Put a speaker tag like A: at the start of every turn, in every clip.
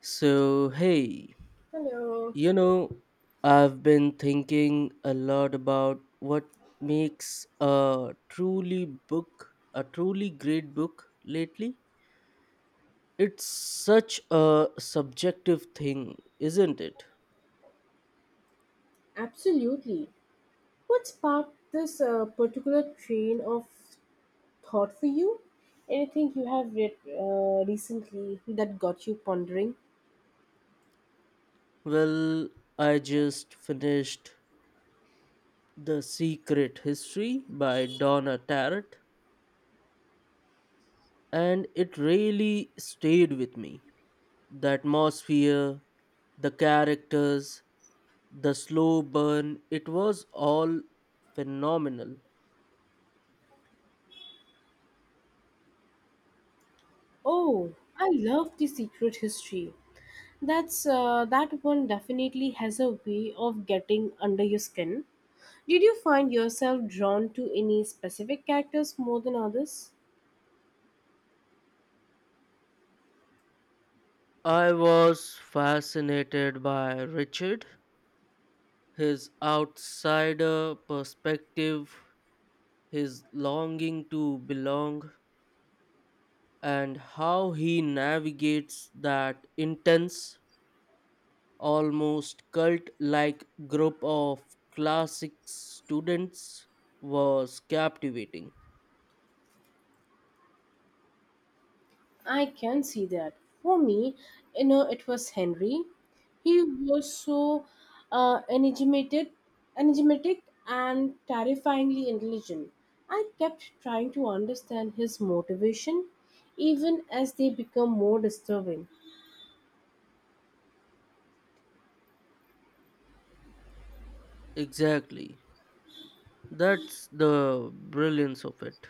A: So, hey,
B: Hello.
A: you know, I've been thinking a lot about what makes a truly book a truly great book lately. It's such a subjective thing, isn't it?
B: Absolutely. What sparked this particular train of thought for you? Anything you have read recently that got you pondering?
A: Well, I just finished The Secret History by Donna Tartt, and it really stayed with me. The atmosphere, the characters, the slow burn, it was all phenomenal.
B: Oh, I love the secret history. That one definitely has a way of getting under your skin. Did you find yourself drawn to any specific characters more than others?
A: I was fascinated by Richard, his outsider perspective, his longing to belong, and how he navigates that intense, almost cult like group of classic students was captivating.
B: I can see that. For me, you know, it was Henry. He was so uh, enigmated, enigmatic and terrifyingly intelligent. I kept trying to understand his motivation, even as they become more disturbing.
A: Exactly. That's the brilliance of it.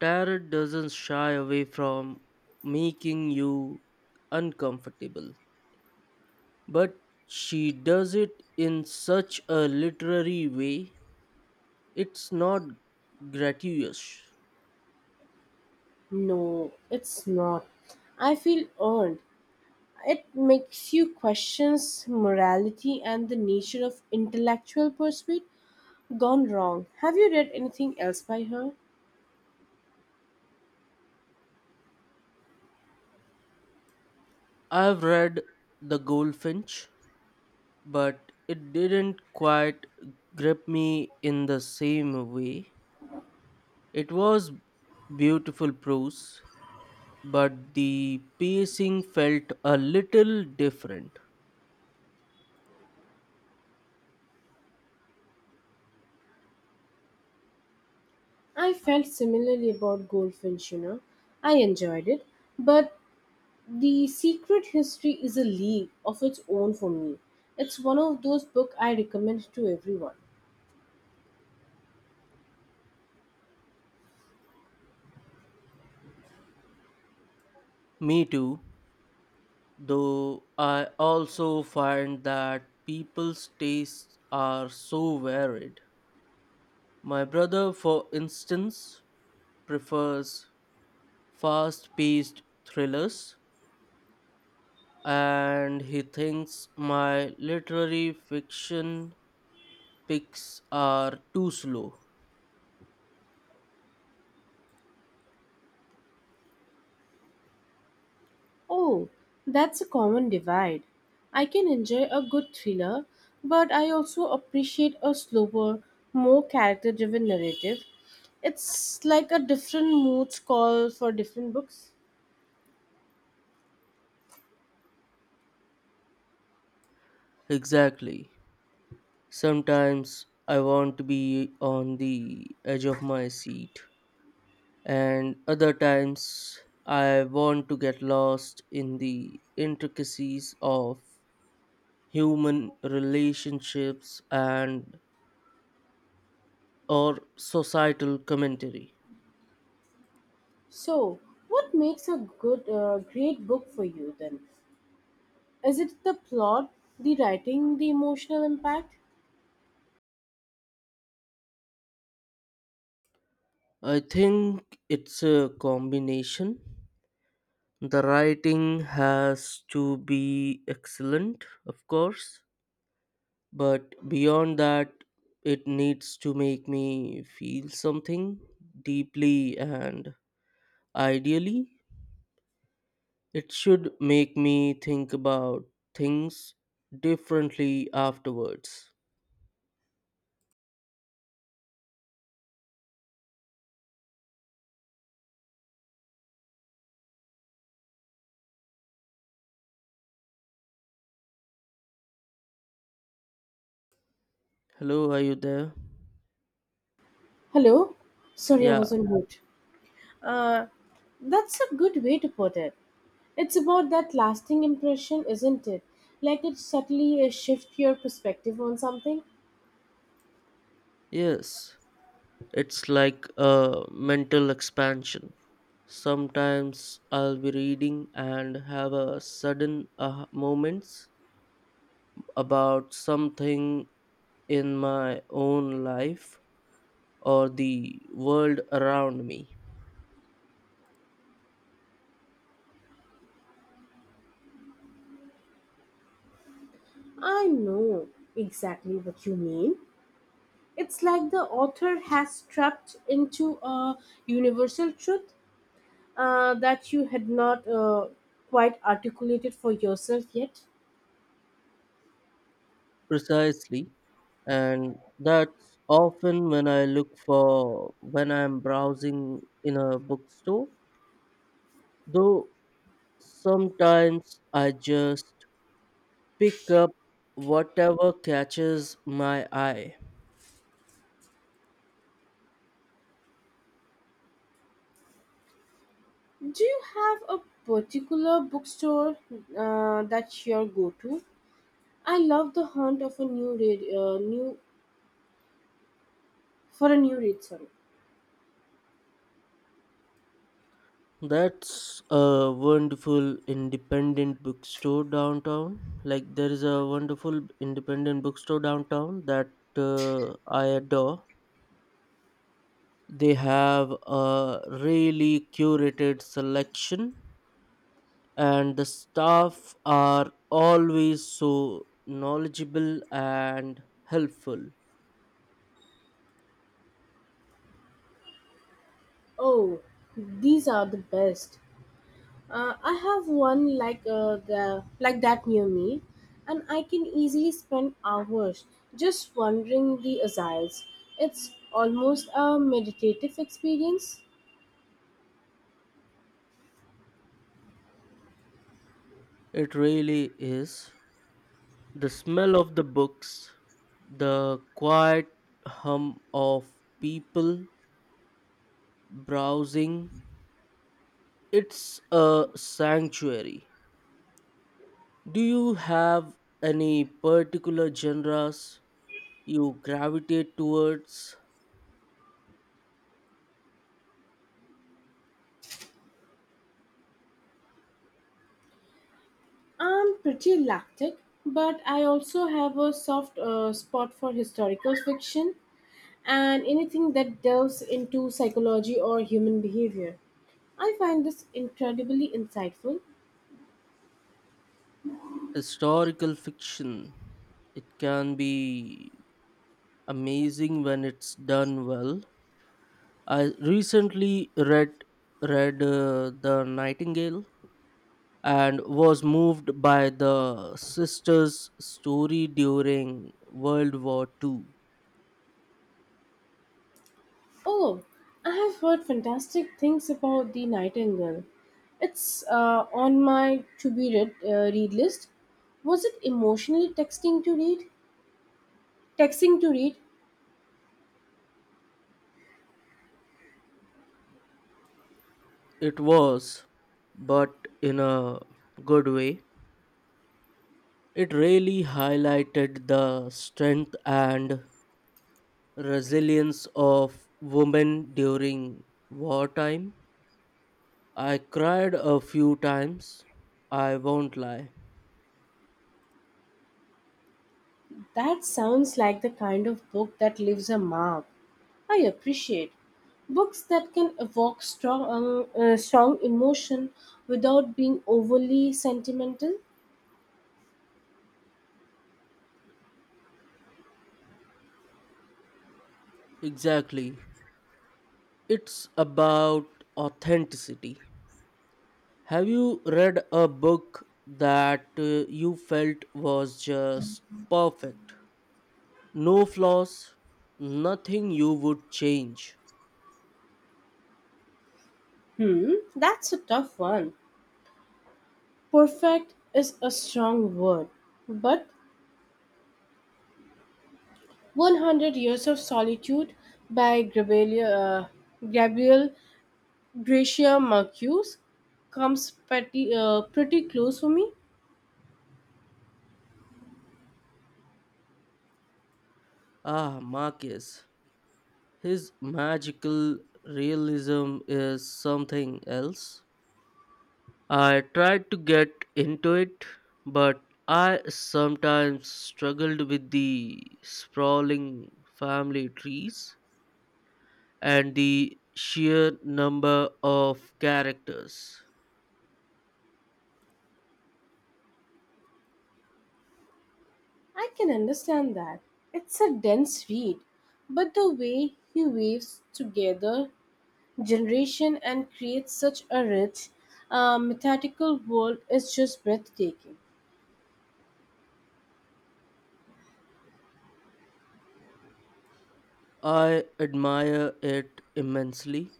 A: Tarot doesn't shy away from making you uncomfortable, but she does it in such a literary way, it's not gratuitous.
B: No, it's not. I feel earned. It makes you questions morality and the nature of intellectual pursuit gone wrong. Have you read anything else by her?
A: I've read The Goldfinch, but it didn't quite grip me in the same way. It was beautiful prose, but the pacing felt a little different.
B: I felt similarly about Goldfinch, you know. I enjoyed it, but The Secret History is a league of its own for me. It's one of those books I recommend to everyone.
A: Me too, though I also find that people's tastes are so varied. My brother, for instance, prefers fast paced thrillers, and he thinks my literary fiction picks are too slow.
B: Oh, that's a common divide. I can enjoy a good thriller, but I also appreciate a slower, more character driven narrative. It's like a different moods call for different books.
A: Exactly. Sometimes I want to be on the edge of my seat, and other times I want to get lost in the intricacies of human relationships and or societal commentary.
B: So, what makes a great book for you then? Is it the plot, the writing, the emotional impact?
A: I think it's a combination. The writing has to be excellent, of course, but beyond that, it needs to make me feel something deeply, and ideally it should make me think about things differently afterwards. Hello, are you there?
B: Hello? Sorry, I
A: Yeah,
B: was on mute. Uh, that's a good way to put it. It's about that lasting impression, isn't it? Like it subtly shift your perspective on something.
A: yes. It's like a mental expansion. Sometimes I'll be reading and have a sudden aha moments about something in my own life or the world around me.
B: I know exactly what you mean. It's like the author has trapped into a universal truth that you had not quite articulated for yourself yet.
A: Precisely, and that's often when I look for when I'm browsing in a bookstore. Though sometimes I just pick up whatever catches my eye.
B: Do you have a particular bookstore that's your go-to? I love the hunt of a new read, new for a new read. Sorry.
A: That's a wonderful independent bookstore downtown. Like there is a wonderful independent bookstore downtown that I adore. They have a really curated selection and the staff are always so knowledgeable and helpful.
B: Oh, these are the best. I have one like that near me, and I can easily spend hours just wandering the aisles. It's almost a meditative experience.
A: It really is. The smell of the books, the quiet hum of people browsing, it's a sanctuary. Do you have any particular genres you gravitate towards?
B: I'm pretty eclectic, but I also have a soft spot for historical fiction and anything that delves into psychology or human behavior. I find this incredibly insightful.
A: Historical fiction. It can be amazing when it's done well. I recently read The Nightingale and was moved by the sister's story during World War II.
B: Oh, I have heard fantastic things about The Nightingale. It's on my to be read, read list. Was it emotionally texting to read? Texting to read?
A: It was, but in a good way, it really highlighted the strength and resilience of women during wartime. I cried a few times, I won't lie.
B: That sounds like the kind of book that leaves a mark. I appreciate books that can evoke strong emotion without being overly sentimental.
A: Exactly. It's about authenticity. Have you read a book that you felt was just perfect? No flaws, nothing you would change.
B: Hmm, that's a tough one. Perfect is a strong word, but 100 Years of Solitude by Gabriel Gracia Marcuse comes pretty close for me.
A: Ah, Marcus, his magical realism is something else. I tried to get into it, but I sometimes struggled with the sprawling family trees and the sheer number of characters.
B: I can understand that. It's a dense read, but the way he weaves together generation and creates such a rich, methodical world is just breathtaking.
A: I admire it immensely,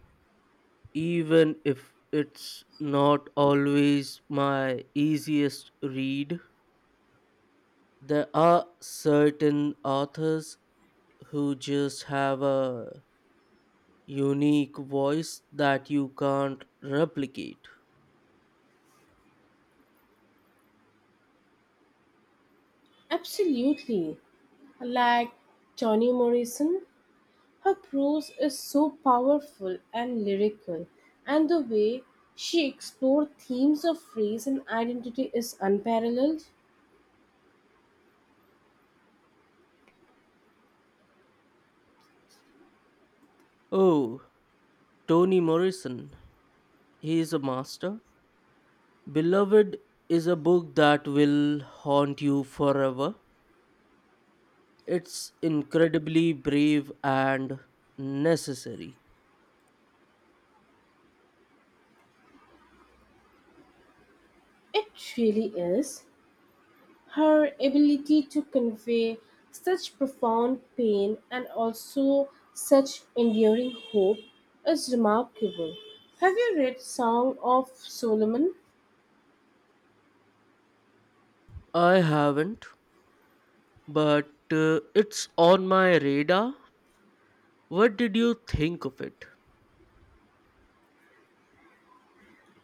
A: even if it's not always my easiest read. There are certain authors who just have a unique voice that you can't replicate.
B: Absolutely. Like Toni Morrison, her prose is so powerful and lyrical, and the way she explored themes of race and identity is unparalleled.
A: Oh, Toni Morrison, he is a master. Beloved is a book that will haunt you forever. It's incredibly brave and necessary.
B: It really is. Her ability to convey such profound pain and also such enduring hope is remarkable. Have you read Song of Solomon?
A: I haven't, but it's on my radar. What did you think of it?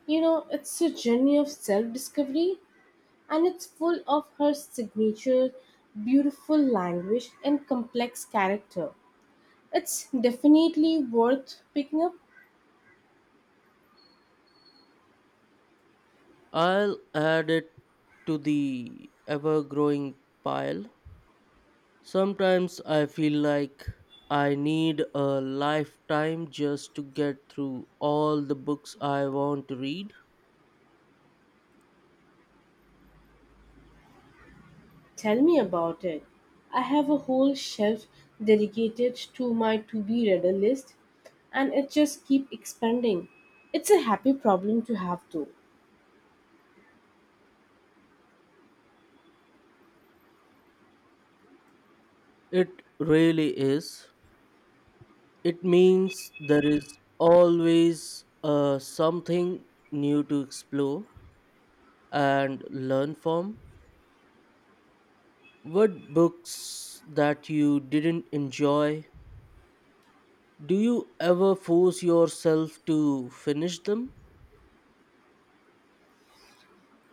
B: You know, it's a journey of self discovery and it's full of her signature, beautiful language, and complex character. It's definitely worth picking up.
A: I'll add it to the ever growing pile. Sometimes I feel like I need a lifetime just to get through all the books I want to read.
B: Tell me about it. I have a whole shelf dedicated to my to be reader list and it just keeps expanding. It's a happy problem to have though.
A: It really is. It means there is always something new to explore and learn from. What books that you didn't enjoy? Do you ever force yourself to finish them?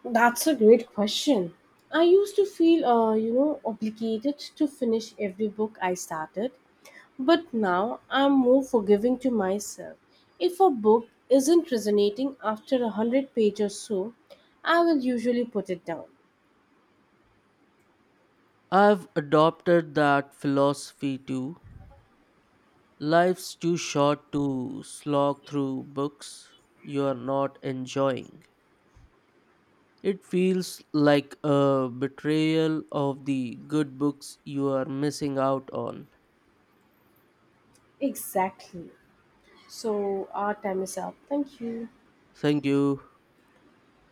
B: That's a great question. I used to feel, you know, obligated to finish every book I started, but now I'm more forgiving to myself. If a book isn't resonating after 100 pages or so, I will usually put it down.
A: I've adopted that philosophy too. Life's too short to slog through books you are not enjoying. It feels like a betrayal of the good books you are missing out on.
B: Exactly. So our time is up. Thank you.
A: Thank you.